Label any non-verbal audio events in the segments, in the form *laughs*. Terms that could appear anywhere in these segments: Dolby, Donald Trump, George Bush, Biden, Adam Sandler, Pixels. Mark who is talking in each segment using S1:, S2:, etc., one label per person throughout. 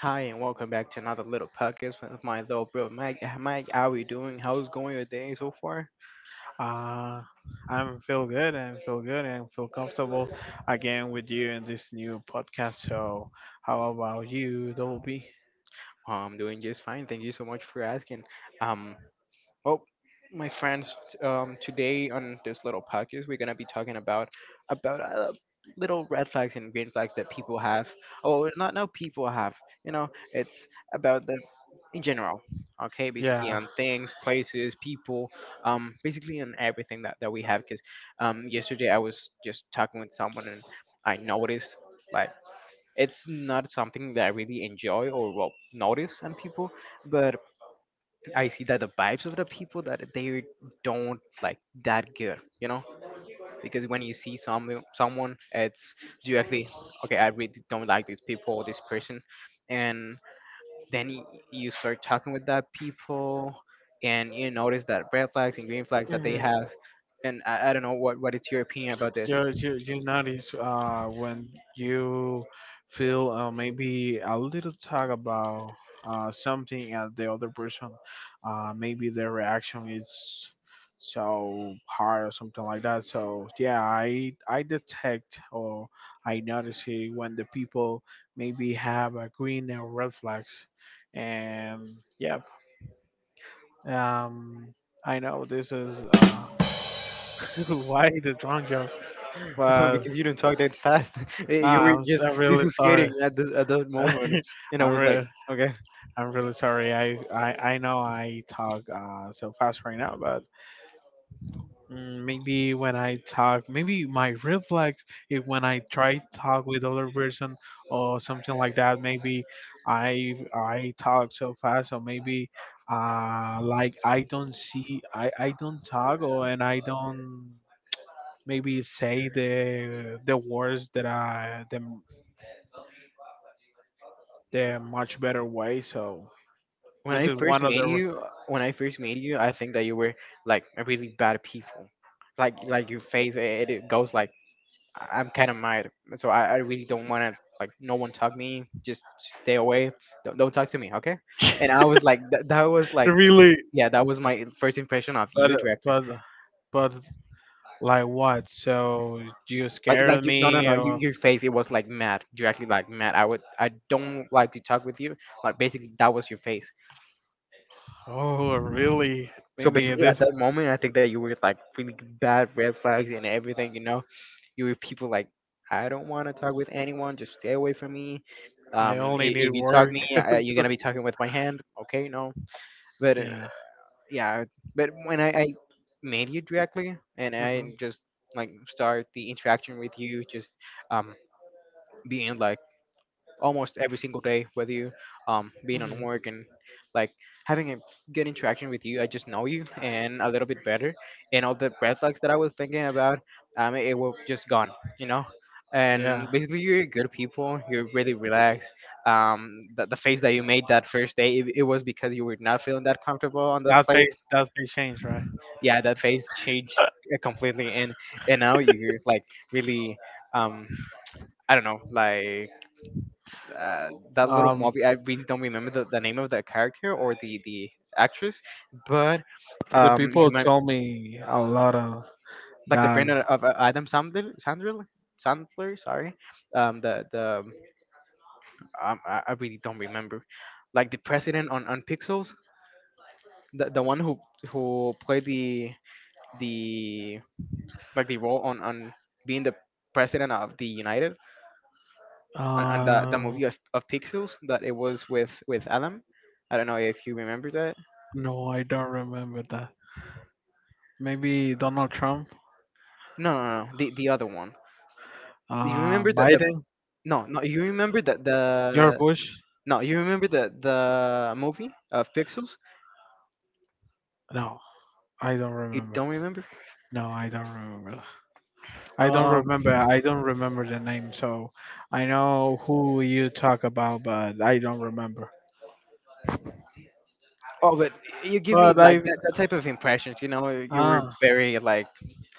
S1: Hi, and welcome back to another little podcast with my little bro Mike. Mike, how are you doing? How's going your day so far?
S2: Uh, I'm feel good and feel comfortable again with you in this new podcast. So, how about you, Dolby?
S1: Oh, I'm doing just fine. Thank you so much for asking. Um, Well, my friends, today on this little podcast, we're gonna be talking about about little red flags and green flags that people have. Oh, not no people have. You know, it's about the in general. Okay, basically
S2: Yeah.
S1: on things, places, people, basically on everything that we have. Because yesterday I was just talking with someone and I noticed like it's not something that I really enjoy or well notice on people, but I see that the vibes of the people that they don't like that good, you know, because when you see someone, it's directly okay. I really don't like these people, or this person, and then you start talking with that people, and you notice that red flags and green flags that they
S2: Hmm.
S1: have. And I don't know what is your opinion about this,
S2: You notice when you feel maybe a little talk about something and the other person, maybe their reaction is so hard or something like that. So yeah, I detect or I notice it when the people maybe have a green and red flags, and yep, um, I know this is *laughs* why the drunk joke,
S1: *laughs*
S2: but.
S1: because you didn't talk that fast. *laughs* You were
S2: I'm, s-
S1: just
S2: I'm
S1: this
S2: really
S1: was skating
S2: sorry.
S1: at the at that moment,
S2: *laughs*
S1: and I
S2: I'm
S1: was like,
S2: really,
S1: okay.
S2: I'm really sorry. I know I talk so fast right now, but maybe when I talk, maybe my reflex if when I try talk with other person or something like that, maybe I talk so fast, or maybe like I don't see, I don't talk, or and I don't maybe say the words that the much better way. So.
S1: When
S2: This
S1: I
S2: is
S1: first
S2: one of
S1: met
S2: the
S1: you, when I first met you, I think that you were like a really bad people. Like your face, it goes like I'm kind of mad, so I really don't want to like no one talk me. Just stay away. Don't talk to me, okay? And I was like that was
S2: *laughs*
S1: like
S2: really,
S1: yeah, that was my first impression of
S2: but
S1: you directly.
S2: but but like what? So you
S1: Like
S2: scare
S1: you, no no no,
S2: me
S1: you,
S2: or
S1: your face it was like mad, directly like mad. I would I don't like to talk with you. Like basically that was your face.
S2: oh really?
S1: So
S2: Maybe
S1: basically, at
S2: this is
S1: that moment, I think that you were like really bad red flags and everything. You know, you were people like, I don't want to talk with anyone. Just stay away from me.
S2: I only need
S1: If you talk
S2: work.
S1: me, you're gonna be
S2: *laughs*
S1: talking with my hand. Okay, no. But
S2: Yeah.
S1: yeah, but when I made you directly and
S2: Hmm.
S1: I just like start the interaction with you, just um being like almost every single day, whether you being on
S2: Hmm.
S1: work and like having a good interaction with you. I just know you and a little bit better, and all the red flags that I was thinking about, it just gone, you know.
S2: Yeah.
S1: And basically, you're good people. You're really relaxed. The face that you made that first day, it was because you were not feeling that comfortable on that
S2: That
S1: place.
S2: face that face change, right?
S1: Yeah, that face changed
S2: *laughs*
S1: completely, and now you're like really, um, I don't know, like that little
S2: Um,
S1: movie. I really don't remember the name of the character or the actress, but
S2: the
S1: he
S2: people
S1: remind
S2: told me a lot of
S1: like the
S2: that.
S1: friend of Adam Sandler, Sandler. Sorry, the I really don't remember, like the president on Pixels, the one who played the like the role on being the president of the United on the
S2: Uh,
S1: movie of Pixels that it was with Adam. I don't know if you remember that.
S2: no, I don't remember that. Maybe Donald Trump,
S1: No. The other one. You remember that the
S2: Biden,
S1: no, no. You remember that
S2: George
S1: the
S2: Bush.
S1: no. You remember the movie of Pixels.
S2: No, I don't
S1: You
S2: remember.
S1: don't remember?
S2: No, I don't remember. I don't
S1: Um.
S2: remember. I don't remember the name. So I know who you talk about, but I don't remember.
S1: Oh, but you give me
S2: But
S1: like
S2: I
S1: that type of impressions. You know, you were
S2: ah,
S1: very like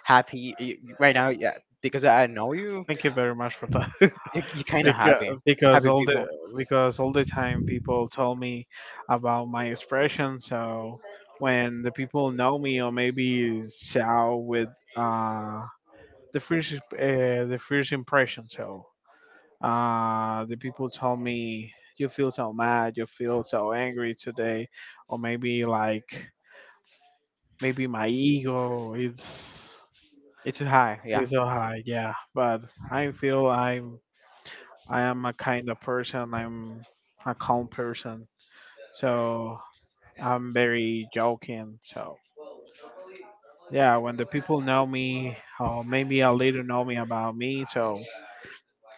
S1: happy you right now. Yeah, because I know you.
S2: Thank you very much for that.
S1: You kind of
S2: because
S1: happy.
S2: because
S1: Happy people.
S2: all the time people tell me about my expression, so when the people know me or maybe shout with uh the first uh, the first impression, so the people tell me you feel so mad, you feel so angry today, or maybe like maybe my ego is
S1: It's high. Yeah.
S2: is so high, yeah, but I feel I'm I am a kind of person. I'm a calm person. So I'm very joking. So yeah, when the people know me, or maybe a little know me about me, so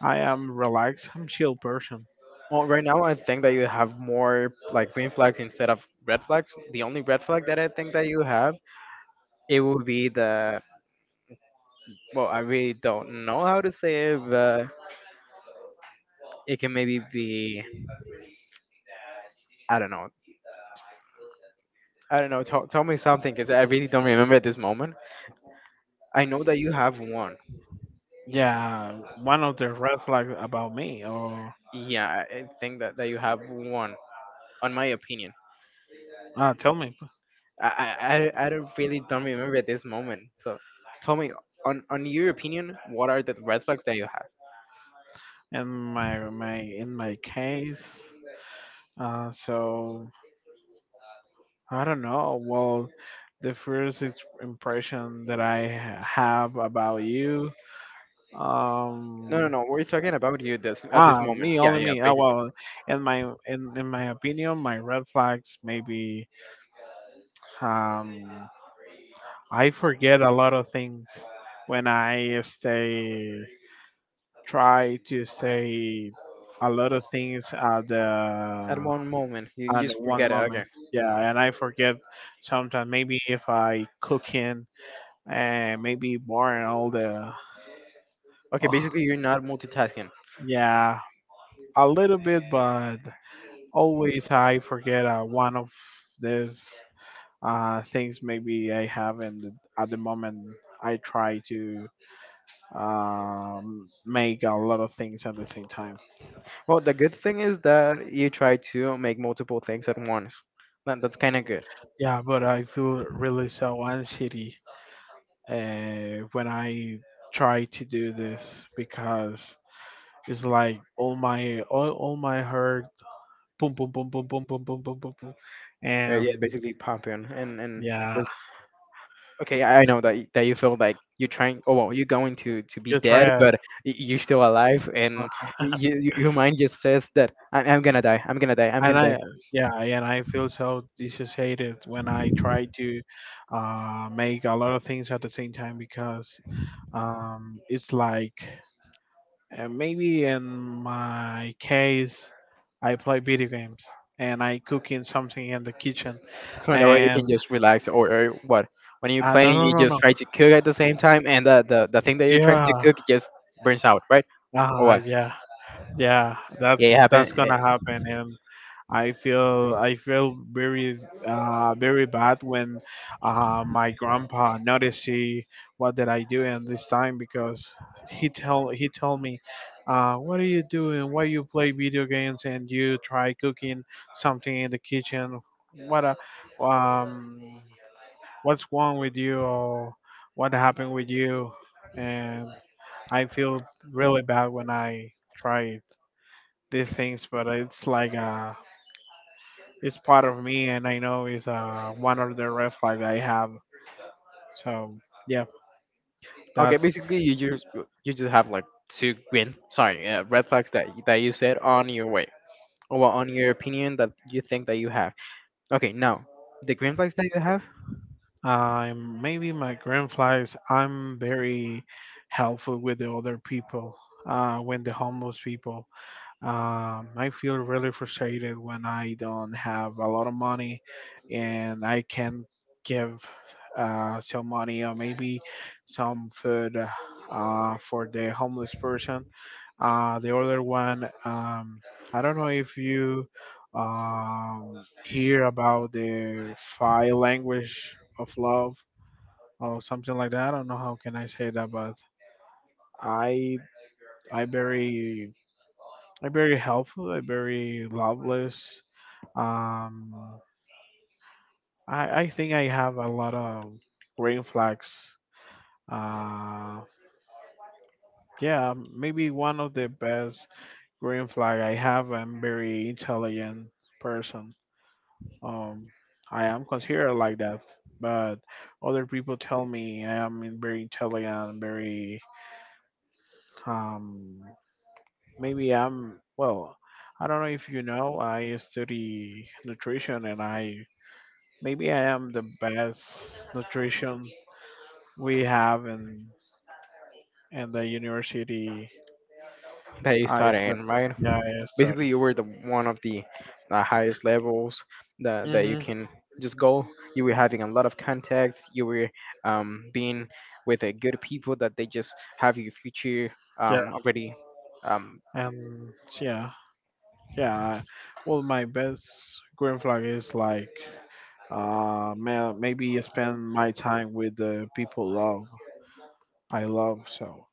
S2: I am relaxed. I'm chill person.
S1: Well, right now I think that you have more like green flags instead of red flags. The only red flag that I think that you have it would be the well, I really don't know how to say it, but it can maybe be. I don't know. I don't know. Tell me something, because I really don't remember at this moment. I know that you have one.
S2: Yeah, one of the red flags about me, or
S1: Yeah, I think that you have one, on my opinion.
S2: tell me
S1: I don't really don't remember at this moment. So tell me, on your opinion, what are the red flags that you have?
S2: in my case. So I don't know. Well, the first impression that have about you.
S1: No, no,
S2: Um,
S1: no. We're talking about you this at this moment.
S2: me,
S1: Yeah,
S2: only
S1: yeah,
S2: me.
S1: basically.
S2: Well, in my opinion, my red flags maybe, um I forget a lot of things when I stay try to stay a lot of things at
S1: At
S2: the
S1: one moment, you
S2: at the
S1: just
S2: one
S1: forget it. Okay.
S2: moment. Yeah, and I forget sometimes. Maybe if I cooking and maybe boring all the.
S1: Okay, basically, you're
S2: *laughs*
S1: not multitasking.
S2: Yeah, a little bit, but always I forget one of these things maybe I have, and at the moment I try to make a lot of things at the same time.
S1: Well, the good thing is that you try to make multiple things at once. That's kind of good.
S2: Yeah, but I feel really so anxiety when I try to do this because it's like all my heart, boom boom boom boom boom boom boom boom boom boom,
S1: Yeah,
S2: and
S1: basically pumping and
S2: yeah,
S1: this, okay, I know that that you feel like you're trying. Oh well, you're going to be
S2: you try
S1: dead,
S2: to,
S1: but you're still alive, and your mind just says that I'm gonna die, I'm gonna die, I'm
S2: and
S1: gonna
S2: I
S1: die.
S2: yeah, and I feel so dissociated when I try to make a lot of things at the same time because it's like maybe in my case I play video games and I cooking something in the kitchen,
S1: So in that way you can
S2: and
S1: just relax or what? When you're
S2: no
S1: playing,
S2: no
S1: you
S2: no
S1: just
S2: no
S1: try to cook at the same time, and the thing that you're trying to
S2: yeah
S1: cook just burns out, right? Or what?
S2: yeah yeah
S1: Yeah, it
S2: that's
S1: happen.
S2: gonna happen, and I feel very very bad when my grandpa noticed what did I do in this time, because he tell me what are you doing, why you play video games and you try cooking something in the kitchen, what a, um what's wrong with you, or what happened with you, and I feel really bad when I try these things, but it's like it's part of me, and I know it's one of the red flags I have. So yeah,
S1: Okay,
S2: that's
S1: basically you just have like two green, sorry, red flags that that you said on your way, or well, on your opinion that you think that you have. Okay, now the green flags that you have
S2: maybe my green flags. I'm very helpful with the other people. When the homeless people, I feel really frustrated when I don't have a lot of money, and I can give some money or maybe some food for the homeless person. The other one, I don't know if you hear about the five language of love or something like that. I don't know how can I say that, but I I very I very helpful. I very loveless. Um, I think I have a lot of green flags. Uh, yeah, maybe one of the best green flag I have. I'm very intelligent person. Um, I am considered like that, but other people tell me I am very intelligent, very um, maybe I'm well. I don't know if you know. I study nutrition, and I am the best nutrition we have in the university.
S1: that you
S2: I
S1: started
S2: study.
S1: in, right?
S2: Yeah, I
S1: Basically,
S2: study.
S1: you were the one of the highest levels that that you
S2: Hmm.
S1: can just go. You were having a lot of contacts. You were being with a good people that they just have your future
S2: Yeah,
S1: already um.
S2: and yeah, yeah. Well, my best green flag is like. Man, maybe spend my time with the people love I love. So,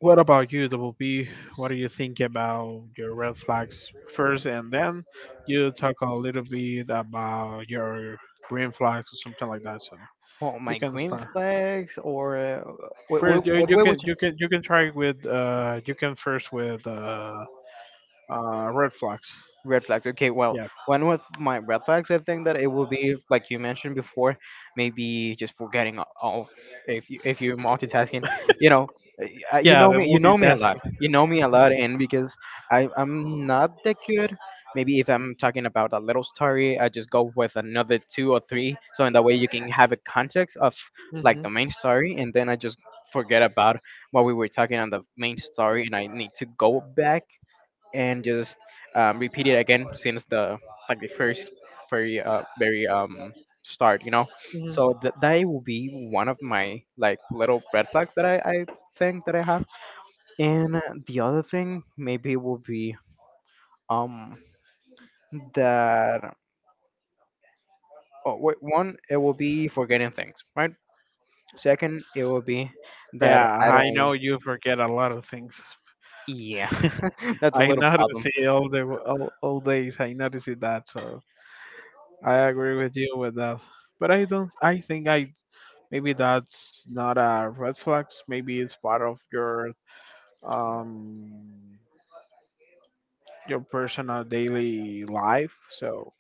S2: what about you, Double B? What do you think about your red flags first, and then you talk a little bit about your green flags or something like that. So
S1: Well,
S2: you
S1: my
S2: can
S1: green
S2: start
S1: flags or what, what,
S2: first. You,
S1: what,
S2: you
S1: what,
S2: can you can you can try with you can first with red flags.
S1: red flags. Okay, well,
S2: Yeah,
S1: one of my red flags, I think that it will be like you mentioned before, maybe just forgetting all- if you if you're multitasking. You know,
S2: yeah, the
S1: you know me a lot,
S2: multitasking. Mhm.
S1: and because I'm not that good. Maybe if I'm talking about a little story, I just go with another two or three, so in that way you can have a context of like
S2: Mhm.
S1: the main story, and then I just forget about what we were talking on the main story, and I need to go back and just repeat it again since the like the first very start, you know,
S2: Mhm.
S1: so that will be one of my like little red flags that I think that I have, and the other thing maybe will be um that oh, wait, one it will be forgetting things, right? Second it will be that
S2: Yeah,
S1: I
S2: I
S1: don't,
S2: know you forget a lot of things.
S1: yeah, *laughs* that's a
S2: I
S1: little problem.
S2: noticed it all days. I noticed it that, so I agree with you with that. But I don't. I think I maybe that's not a red flags. Maybe it's part of um your personal daily life. So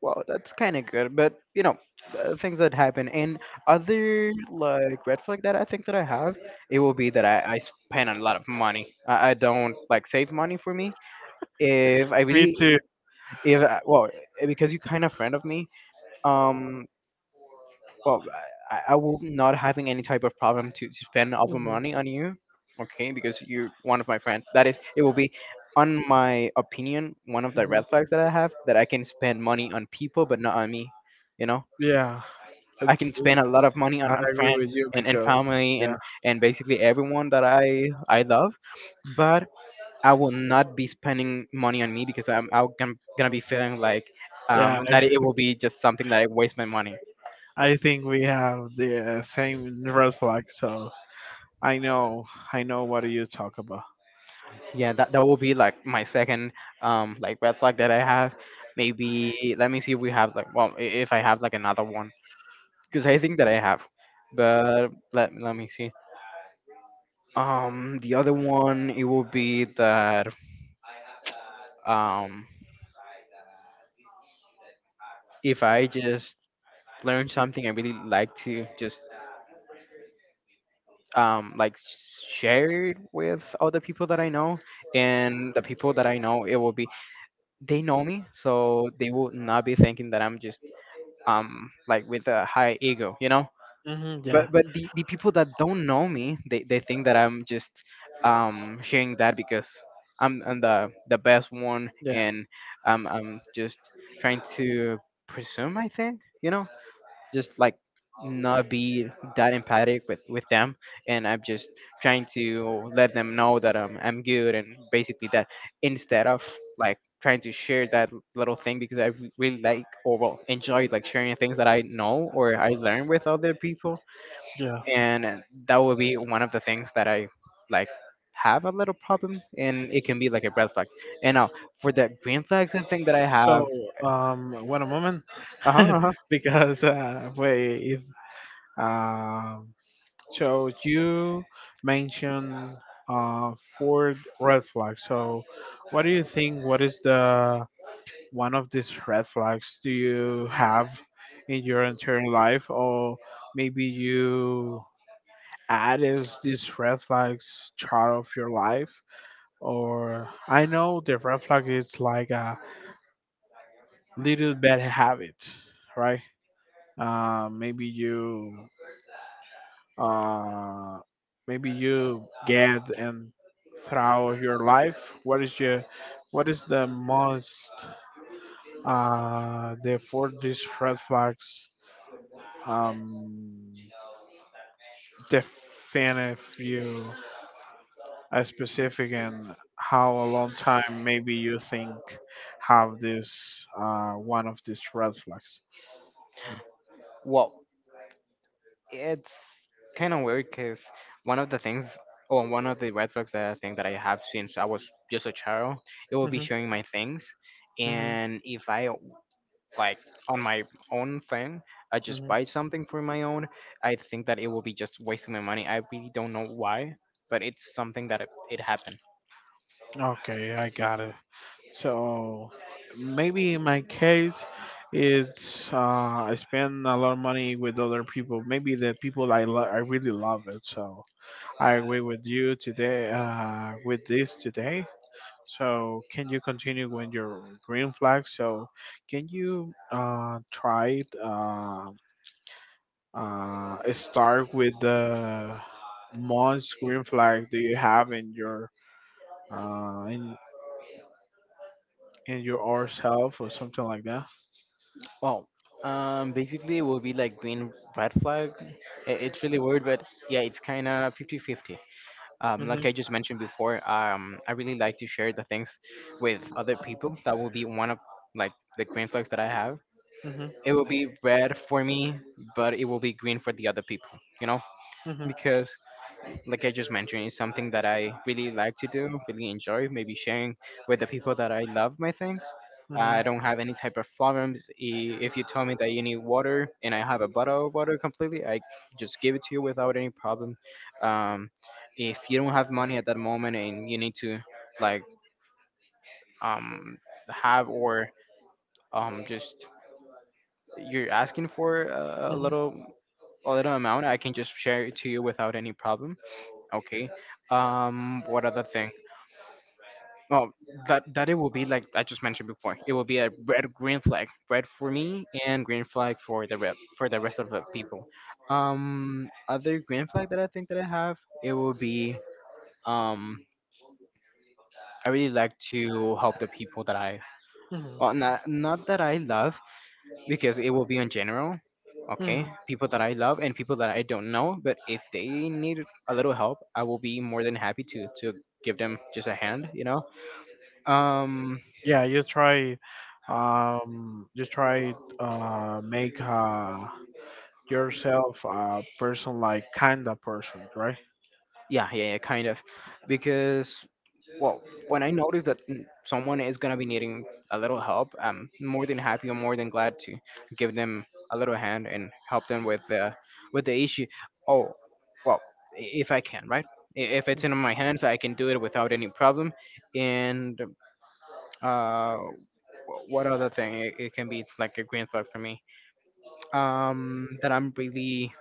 S1: Well, that's kind of good, but you know, the things that happen. And other like red flag that I think that I have, it will be that I spend a lot of money. I don't like save money for me. If I
S2: me
S1: really,
S2: too.
S1: if I, well, eh, because you kind of friend of me, um, well, I will not having any type of problem to spend all the
S2: Mhm.
S1: money on you, okay? Because you're one of my friends. That is, it will be. On my opinion, one of the
S2: Mhm.
S1: red flags that I have that I can spend money on people but not on me, you know
S2: Yeah,
S1: I
S2: it's,
S1: can spend a lot of money
S2: I
S1: on
S2: agree with
S1: friends
S2: you
S1: and
S2: because
S1: family
S2: yeah,
S1: and basically everyone that I love, but I will not be spending money on me because I'm gonna gonna be feeling like
S2: yeah. *laughs*
S1: that it will be just something that I waste my money.
S2: I think we have the same red flag. So. I know, I know what you talk about.
S1: Yeah, that that will be like my second like red flag that I have. Maybe let me see if we have like well if I have like another one because I think that I have, but let me see. The other one it will be that um if I just learn something I really like to just like share it with other people that I know, and the people that I know, it will be they know me, so they will not be thinking that I'm just like with a high ego, you know,
S2: Hmm. Yeah,
S1: but the people that don't know me, they think that I'm just sharing that because I'm the best one,
S2: yeah,
S1: and I'm just trying to presume, I think, you know, just like not be that empathic with them. And I'm just trying to let them know that I'm good, and basically that instead of like trying to share that little thing because really like, or well, enjoy like sharing things that I know or I learn with other people.
S2: yeah.
S1: And that would be one of the things that I like have a little problem, and it can be like a red flag. And now for the green flags and thing that I
S2: So,
S1: have.
S2: what a moment,
S1: uh-huh,
S2: *laughs*
S1: uh-huh
S2: because wait, if um, so you mentioned four red flags. So, what do you think? What is the one of these red flags do you have in your entire life, or maybe you added these red flags chart of your life? Or I know the red flag is like a little bad habit, right? Maybe uh, you get and throughout your life. What is your, what is the most, the for these red flags, um, define if you a specific and how a long time maybe you think have this one of these red flags.
S1: Well, it's kind of weird because one of the things, or one of the red flags that I think that I have since I was just a child, it will be
S2: Mhm.
S1: showing my things.
S2: Mhm.
S1: And if I like on my own thing, I just
S2: Mhm.
S1: buy something for my own. I think that it will be just wasting my money. I really don't know why, but it's something that it happened.
S2: Okay, I got it. So maybe in my case, it's I spend a lot of money with other people. Maybe the people I really love it. So I agree with you today. With this today. So can you continue when your green flag? So can you try start with the most green flag do you have uh, in in your hours self or something like that.
S1: Well, basically it will be like green red flag. It's really weird, but yeah, it's kind of 50-50.
S2: Mhm,
S1: Like I just mentioned before, I really like to share the things with other people. That will be one of like the green flags that I have.
S2: mhm, mhm,
S1: It will be red for me, but it will be green for the other people, you know, because like I just mentioned, is something that I really like to do, really enjoy, maybe sharing with the people that I love my things. I
S2: mhm.
S1: don't have any type of problems. If you tell me that you need water and I have a bottle of water completely, I just give it to you without any problem. Um, if you don't have money at that moment and you need to like um, have or just you're asking for
S2: Mhm,
S1: a little amount, I can just share it to you without any problem. Okay. What other thing? Oh, that it will be like I just mentioned before. It will be a red green flag, red for me and green flag for the rep for the rest of the people. Other green flag that I think that I have, it will be um I really like to help the people that I, well, not that I love, because it will be in general,
S2: mhm, mhm.
S1: okay? People that I love and people that I don't know, but if they need a little help, I will be more than happy to give them just a hand, you know. Um
S2: Yeah, you try, make yourself a person like kinda person, right?
S1: Yeah, yeah, yeah, kind of. Because, well, when I notice that someone is gonna be needing a little help, I'm more than happy, or more than glad to give them a little hand and help them with the issue. Oh, well, if I can, right? If it's in my hands, I can do it without any problem. And uh, what other thing? It can be like a green flag for me. That I'm really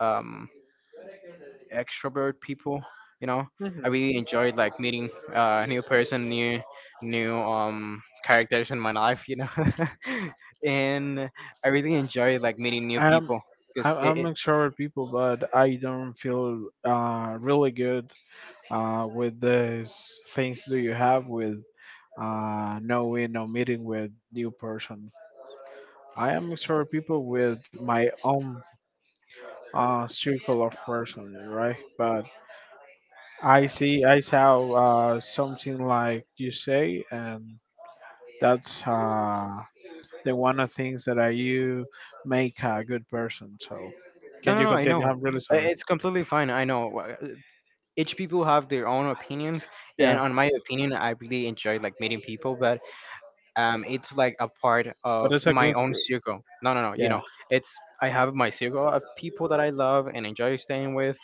S1: um extrovert people. You know, I
S2: Mhm.
S1: really enjoyed like meeting new person, new characters in my life, you know, *laughs* and I really enjoy like meeting new
S2: I'm
S1: people because
S2: I'm
S1: it,
S2: I'm
S1: it.
S2: extrovert people, but I don't feel really good with these things do you have with knowing no meeting with new person. I am extrovert people with my own circle of person, right? But I saw something like you say, and that's the one of things that are you make a good person. So
S1: No,
S2: can
S1: no,
S2: you
S1: no. I
S2: continue?
S1: know.
S2: I'm really sorry.
S1: It's completely fine. I know. Each people have their own opinions, and
S2: Yeah,
S1: on my opinion, I really enjoy like meeting people, but it's like a part
S2: but
S1: of
S2: it's a
S1: my
S2: good.
S1: own circle. No, no, no. You
S2: Yeah,
S1: know, it's I have my circle of people that I love and enjoy staying with,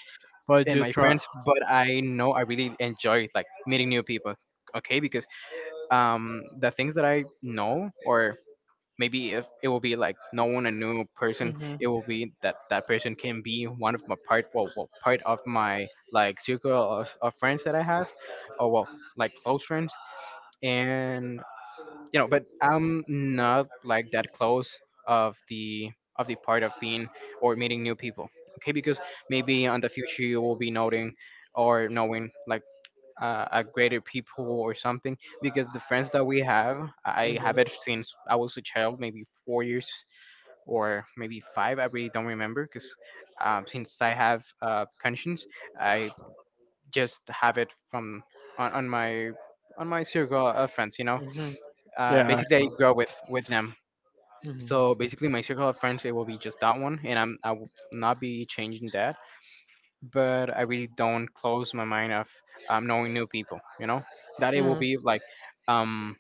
S2: but
S1: and
S2: you
S1: my
S2: try.
S1: friends, but I know I really enjoy like meeting new people. Okay, because the things that I know, or maybe if it will be like knowing a new person,
S2: Hmm.
S1: it will be that that person can be one of my part, well, well part of my like circle of friends that I have, or well, like close friends. And you know, but I'm not like that close of the of the part of being or meeting new people. Okay, because maybe on the future you will be noting or knowing like a greater people or something, because the friends that we have I have it since I was a child, maybe 4 years or maybe five, I really don't remember because since I have conscience, I just have it from on, on my on my circle of friends, you know. Basically I grow with them. So basically, my circle of friends it will be just that one, and I will not be changing that. But I really don't close my mind of knowing new people. You know that it will be like um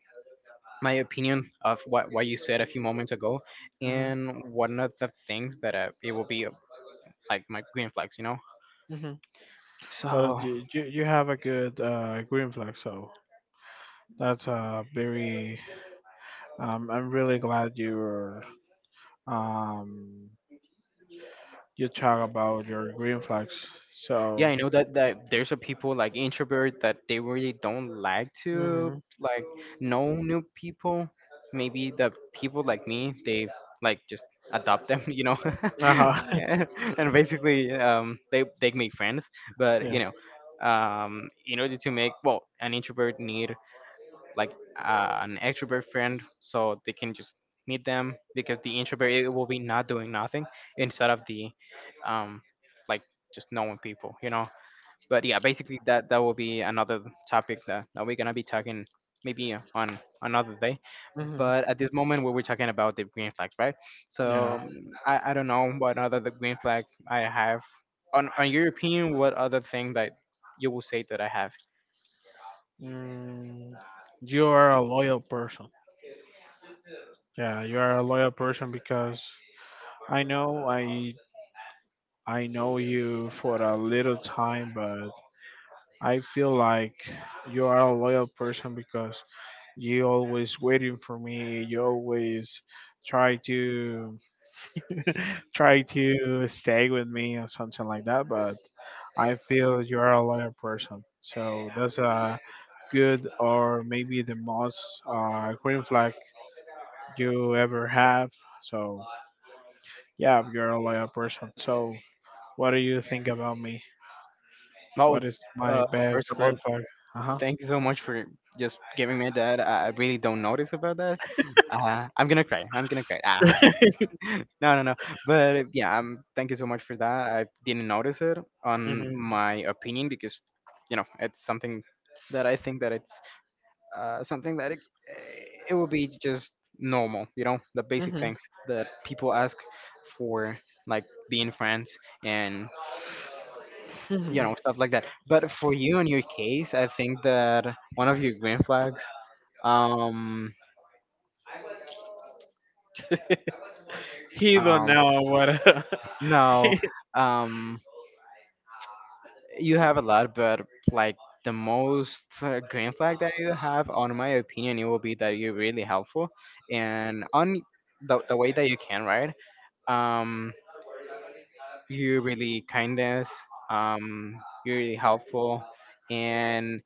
S1: my opinion of what you said a few moments ago,
S2: Hmm.
S1: and one of the things that it will be like my green flags, you know.
S2: Hmm. Well,
S1: So
S2: you have a good green flag, so that's very. I'm really glad um, you talk about your green flags. So.
S1: yeah, I know that that there's a people like introvert that they really don't like to
S2: Hmm.
S1: like know new people. Maybe the people like me, they like just adopt them, *laughs* you know, *laughs*
S2: Uh-huh. *laughs*
S1: and basically they make friends. But
S2: Yeah.
S1: you know, in order to make, well, an introvert need like an extrovert friend so they can just meet them, because the introvert it will be not doing nothing instead of the um like just knowing people, you know. But yeah, basically that will be another topic that we're gonna be talking maybe on another day.
S2: Hmm.
S1: But at this moment we were talking about the green flags, right? So
S2: Yeah.
S1: I don't know what other the green flag I have. On your opinion, what other thing that you will say that I have?
S2: Mm, you are a loyal person. Yeah, you are a loyal person because I know I I know you for a little time, but I feel like you are a loyal person because you always waiting for me. You always try to. *laughs* Try to stay with me or something like that. But I feel you are a loyal person. So that's a good, or maybe the most green flag you ever have. So yeah, you're a loyal person. So what do you think about me?
S1: Well,
S2: What is my
S1: uh, first
S2: best
S1: of all,
S2: green flag? Uh huh.
S1: thank you so much for just giving me that, I really don't notice about that. I'm gonna cry, I'm gonna cry, ah.
S2: *laughs*
S1: *laughs* No, no, no. But yeah, thank you so much for that. I didn't notice it on
S2: Mhm.
S1: my opinion because, you know, it's something that I think that it's something that it will be just normal, you know, the basic
S2: Mhm.
S1: things that people ask for, like being friends, and, you
S2: Mhm.
S1: know, stuff like that. But for you in your case, I think that one of your green flags, um,
S2: *laughs* He don't
S1: um,
S2: know what.
S1: no,
S2: *laughs*
S1: um, you have a lot, but like the most green flag that you have, on my opinion, it will be that you're really helpful and on the way that you can, right? Um, you really kindness, you're really helpful, and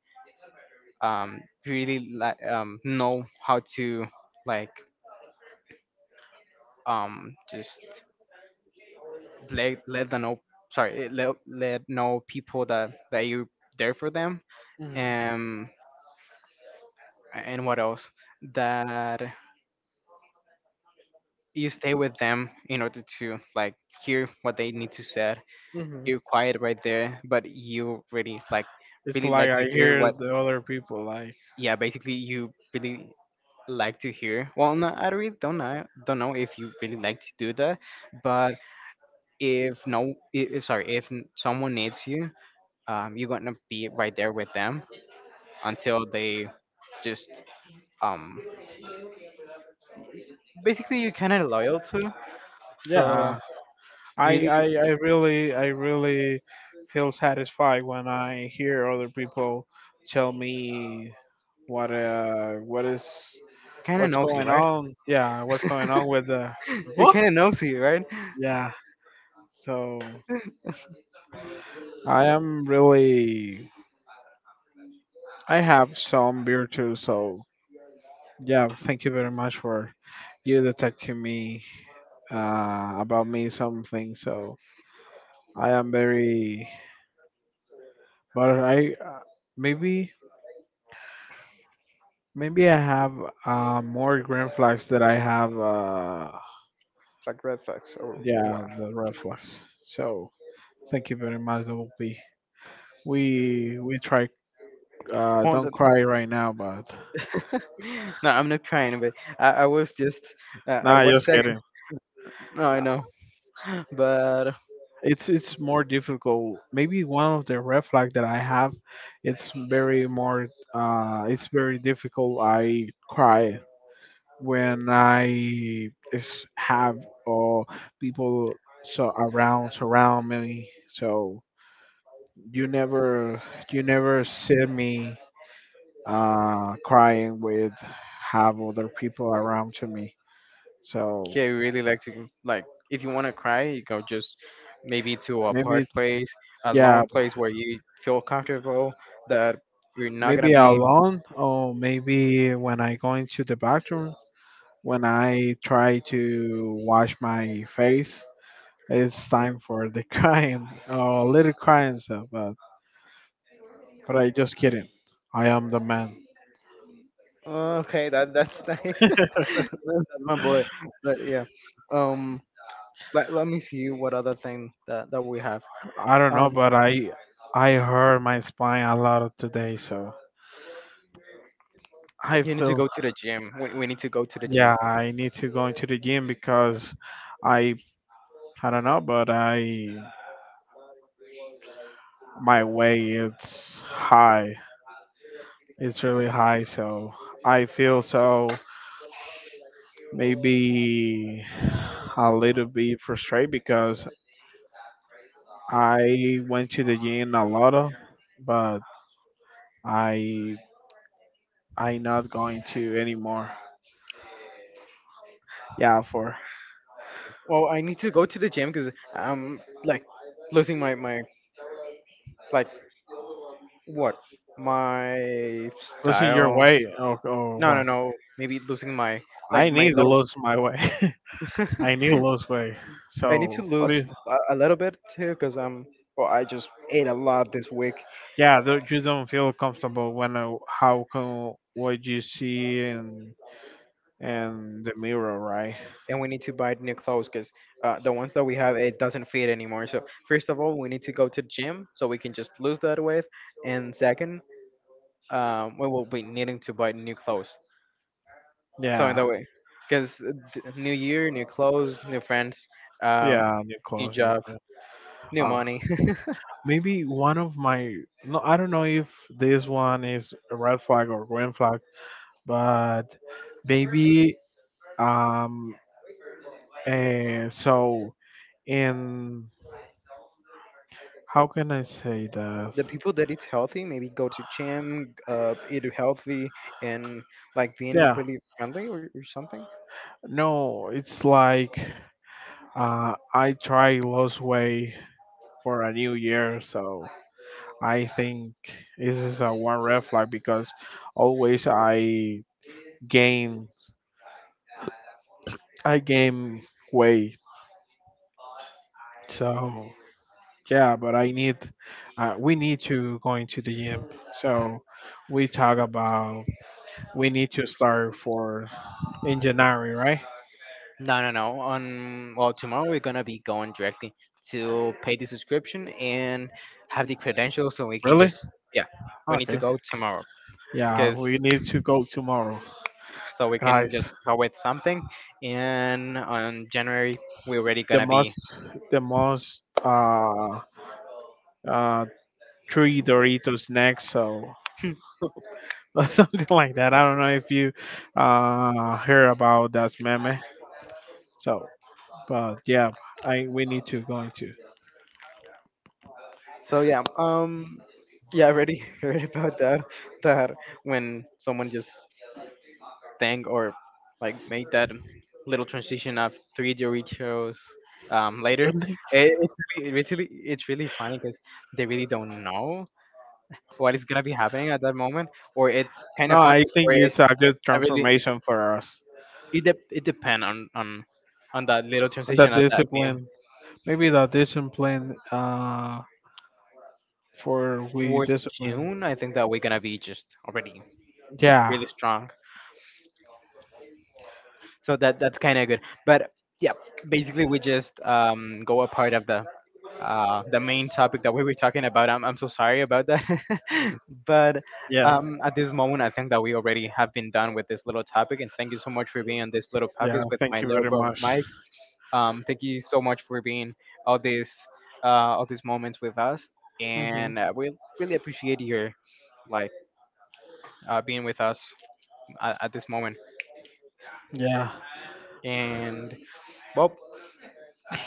S1: um, you really like know how to like just let let the know let know people that you're there for them.
S2: Hmm.
S1: Um, and what else that you stay with them in order to like hear what they need to say.
S2: Hmm.
S1: You're quiet right there, but you
S2: It's
S1: really like
S2: like I
S1: to hear
S2: hear
S1: what,
S2: the other people like,
S1: yeah, basically you really like to hear, well, no, I really don't know if you really like to do that, but if no I- if, sorry, if someone needs you, you're gonna be right there with them until they just um basically you're kind of loyal to, so
S2: yeah,
S1: really.
S2: I really feel satisfied when I hear other people tell me what, uh, what is,
S1: Kind of
S2: what's
S1: nosy,
S2: going
S1: right?
S2: on. Yeah, what's going on with the,
S1: *laughs* You're
S2: what?
S1: kind of nosy, right?
S2: Yeah. So I am really, I have some beer too. So yeah, thank you very much for you detecting me about me something. So I am very, but I maybe maybe I have more green flags that I have. Yeah,
S1: Wha-
S2: the red flags. So thank you very much, Double P. We try.
S1: Oh,
S2: Don't
S1: the-
S2: cry right now, but
S1: *laughs* no, I'm not crying, but I was just at
S2: nah,
S1: what
S2: just
S1: second?
S2: kidding.
S1: No, I know, *laughs* but
S2: It's more difficult. Maybe one of the red flag that I have, it's very more. It's very difficult. I cry when I is have all people so around surround me. So you never you never see me crying with have other people around to me. So
S1: yeah, I really like to like if you want to cry, you go just maybe to a part
S2: maybe
S1: place, a
S2: yeah,
S1: lone place where you feel comfortable, that you're not gonna
S2: maybe
S1: be.
S2: alone or maybe when I go into the bathroom when I try to wash my face. It's time for the *laughs* crying or little crying stuff. But I just kidding. I am the man.
S1: "Oh, okay, that's nice. *laughs* That's my boy, but yeah, um, let me see what other thing that we have.
S2: I don't know,
S1: Um,
S2: but I hurt my spine a lot of today, so I
S1: You need to
S2: feel
S1: go to the gym. We need to go to the gym.
S2: yeah I need to go into the gym because I I don't know, but I my weight it's high. It's really high, so I feel so maybe a little bit frustrated because I went to the gym a lot, of, but I I not going to anymore. Yeah, for
S1: Well, I need to go to the gym because I'm like losing my like what my
S2: losing your
S1: style.
S2: weight. Oh, oh,
S1: No, no,
S2: what?
S1: no. Maybe losing my
S2: I
S1: like my
S2: need to
S1: little.
S2: lose my weight. *laughs* I need
S1: *laughs*
S2: to lose weight.
S1: I need to
S2: So what
S1: lose
S2: is?
S1: a little bit too because I'm. Well, I just ate a lot this week,
S2: Yeah, you don't feel comfortable when how can what you see in the mirror, right?
S1: and we need to buy new clothes because the ones that we have it doesn't fit anymore. So first of all, we need to go to the gym so we can just lose that weight, and second, we will be needing to buy new clothes. So in
S2: Yeah,
S1: that way, because new year, new clothes, new friends, um,
S2: yeah, new
S1: new
S2: clothes. New
S1: job,
S2: friends.
S1: new
S2: Uh,
S1: money. *laughs*
S2: Maybe one of my no, I don't know if this one is a red flag or green flag, but maybe um, and so in. How can I say that?
S1: The people that eat healthy maybe go to gym, eat healthy, and like being
S2: Yeah,
S1: really friendly, or something.
S2: no, it's like I try lose weight for a new year, so I think this is a one red flag because always gain I gain weight. So yeah, but I need we need to go into the gym. So we talk about we need to start for in January, right?
S1: No, no, no. On, well, tomorrow we're gonna be going directly to pay the subscription and have the credentials so we can
S2: Really?
S1: just yeah. We need to
S2: Okay.
S1: go tomorrow
S2: Yeah,
S1: because
S2: we need to go tomorrow.
S1: so we can
S2: Guys,
S1: just throw it something. And on January, we're already
S2: the
S1: gonna be.
S2: most, the most, uh, three Doritos next, so *laughs* something like that. I don't know if you, hear about that meme. So, but yeah, I we need to go into.
S1: So yeah, yeah, I already *laughs* heard about that. That when someone just think or like made that little transition of three Doritos later,
S2: *laughs*
S1: it, it's really, it's really funny because they really don't know what is gonna be happening at that moment, or it's kind
S2: No,
S1: of funny,
S2: I think
S1: or it
S2: it's a good
S1: I really
S2: transformation for us.
S1: it depend on on that little
S2: The
S1: transition at that meme.
S2: discipline, maybe the discipline, for we
S1: For
S2: discipline.
S1: June, I think that we're gonna be just already
S2: Yeah,
S1: really strong. So that's kind of good. But yeah, basically we just go a part of the main topic that we were talking about. I'm so sorry about that. *laughs* But
S2: yeah,
S1: at this moment, I think that we already have been done with this little topic. And thank you so much for being on this little
S2: yeah.
S1: podcast with
S2: Thank
S1: my
S2: you
S1: little
S2: very
S1: bro
S2: much.
S1: Mike. Thank you so much for being all these uh, all these moments with us.
S2: Mhm.
S1: And we really appreciate your like being with us at this moment.
S2: Yeah.
S1: And, well,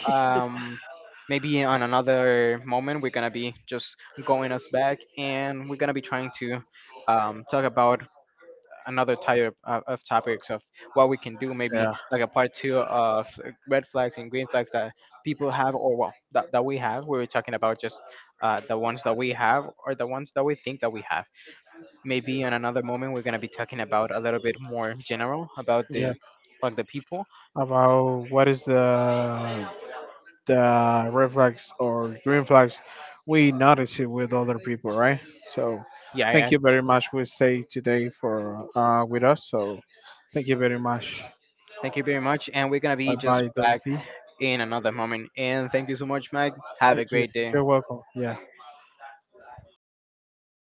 S1: um, maybe on another moment we're gonna be just going us back, and we're gonna be trying to talk about another type of topics of what we can do. Maybe
S2: Yeah.
S1: like a part two of red flags and green flags that people have, or well, that we have. We were talking about just the ones that we have, or the ones that we think that we have. Maybe in another moment we're gonna be talking about a little bit more general about
S2: Yeah.
S1: the like the people.
S2: About what is the red flags or green flags we notice it with other people, right? So
S1: Yeah,
S2: thank
S1: yeah.
S2: you very much. We stay today for with us. So thank you very much.
S1: Thank you very much. And we're going to be
S2: Bye
S1: just
S2: bye,
S1: back
S2: Dolphy.
S1: in another moment. And thank you so much, Mike. Have a
S2: Thank you.
S1: great day.
S2: You're welcome. Yeah.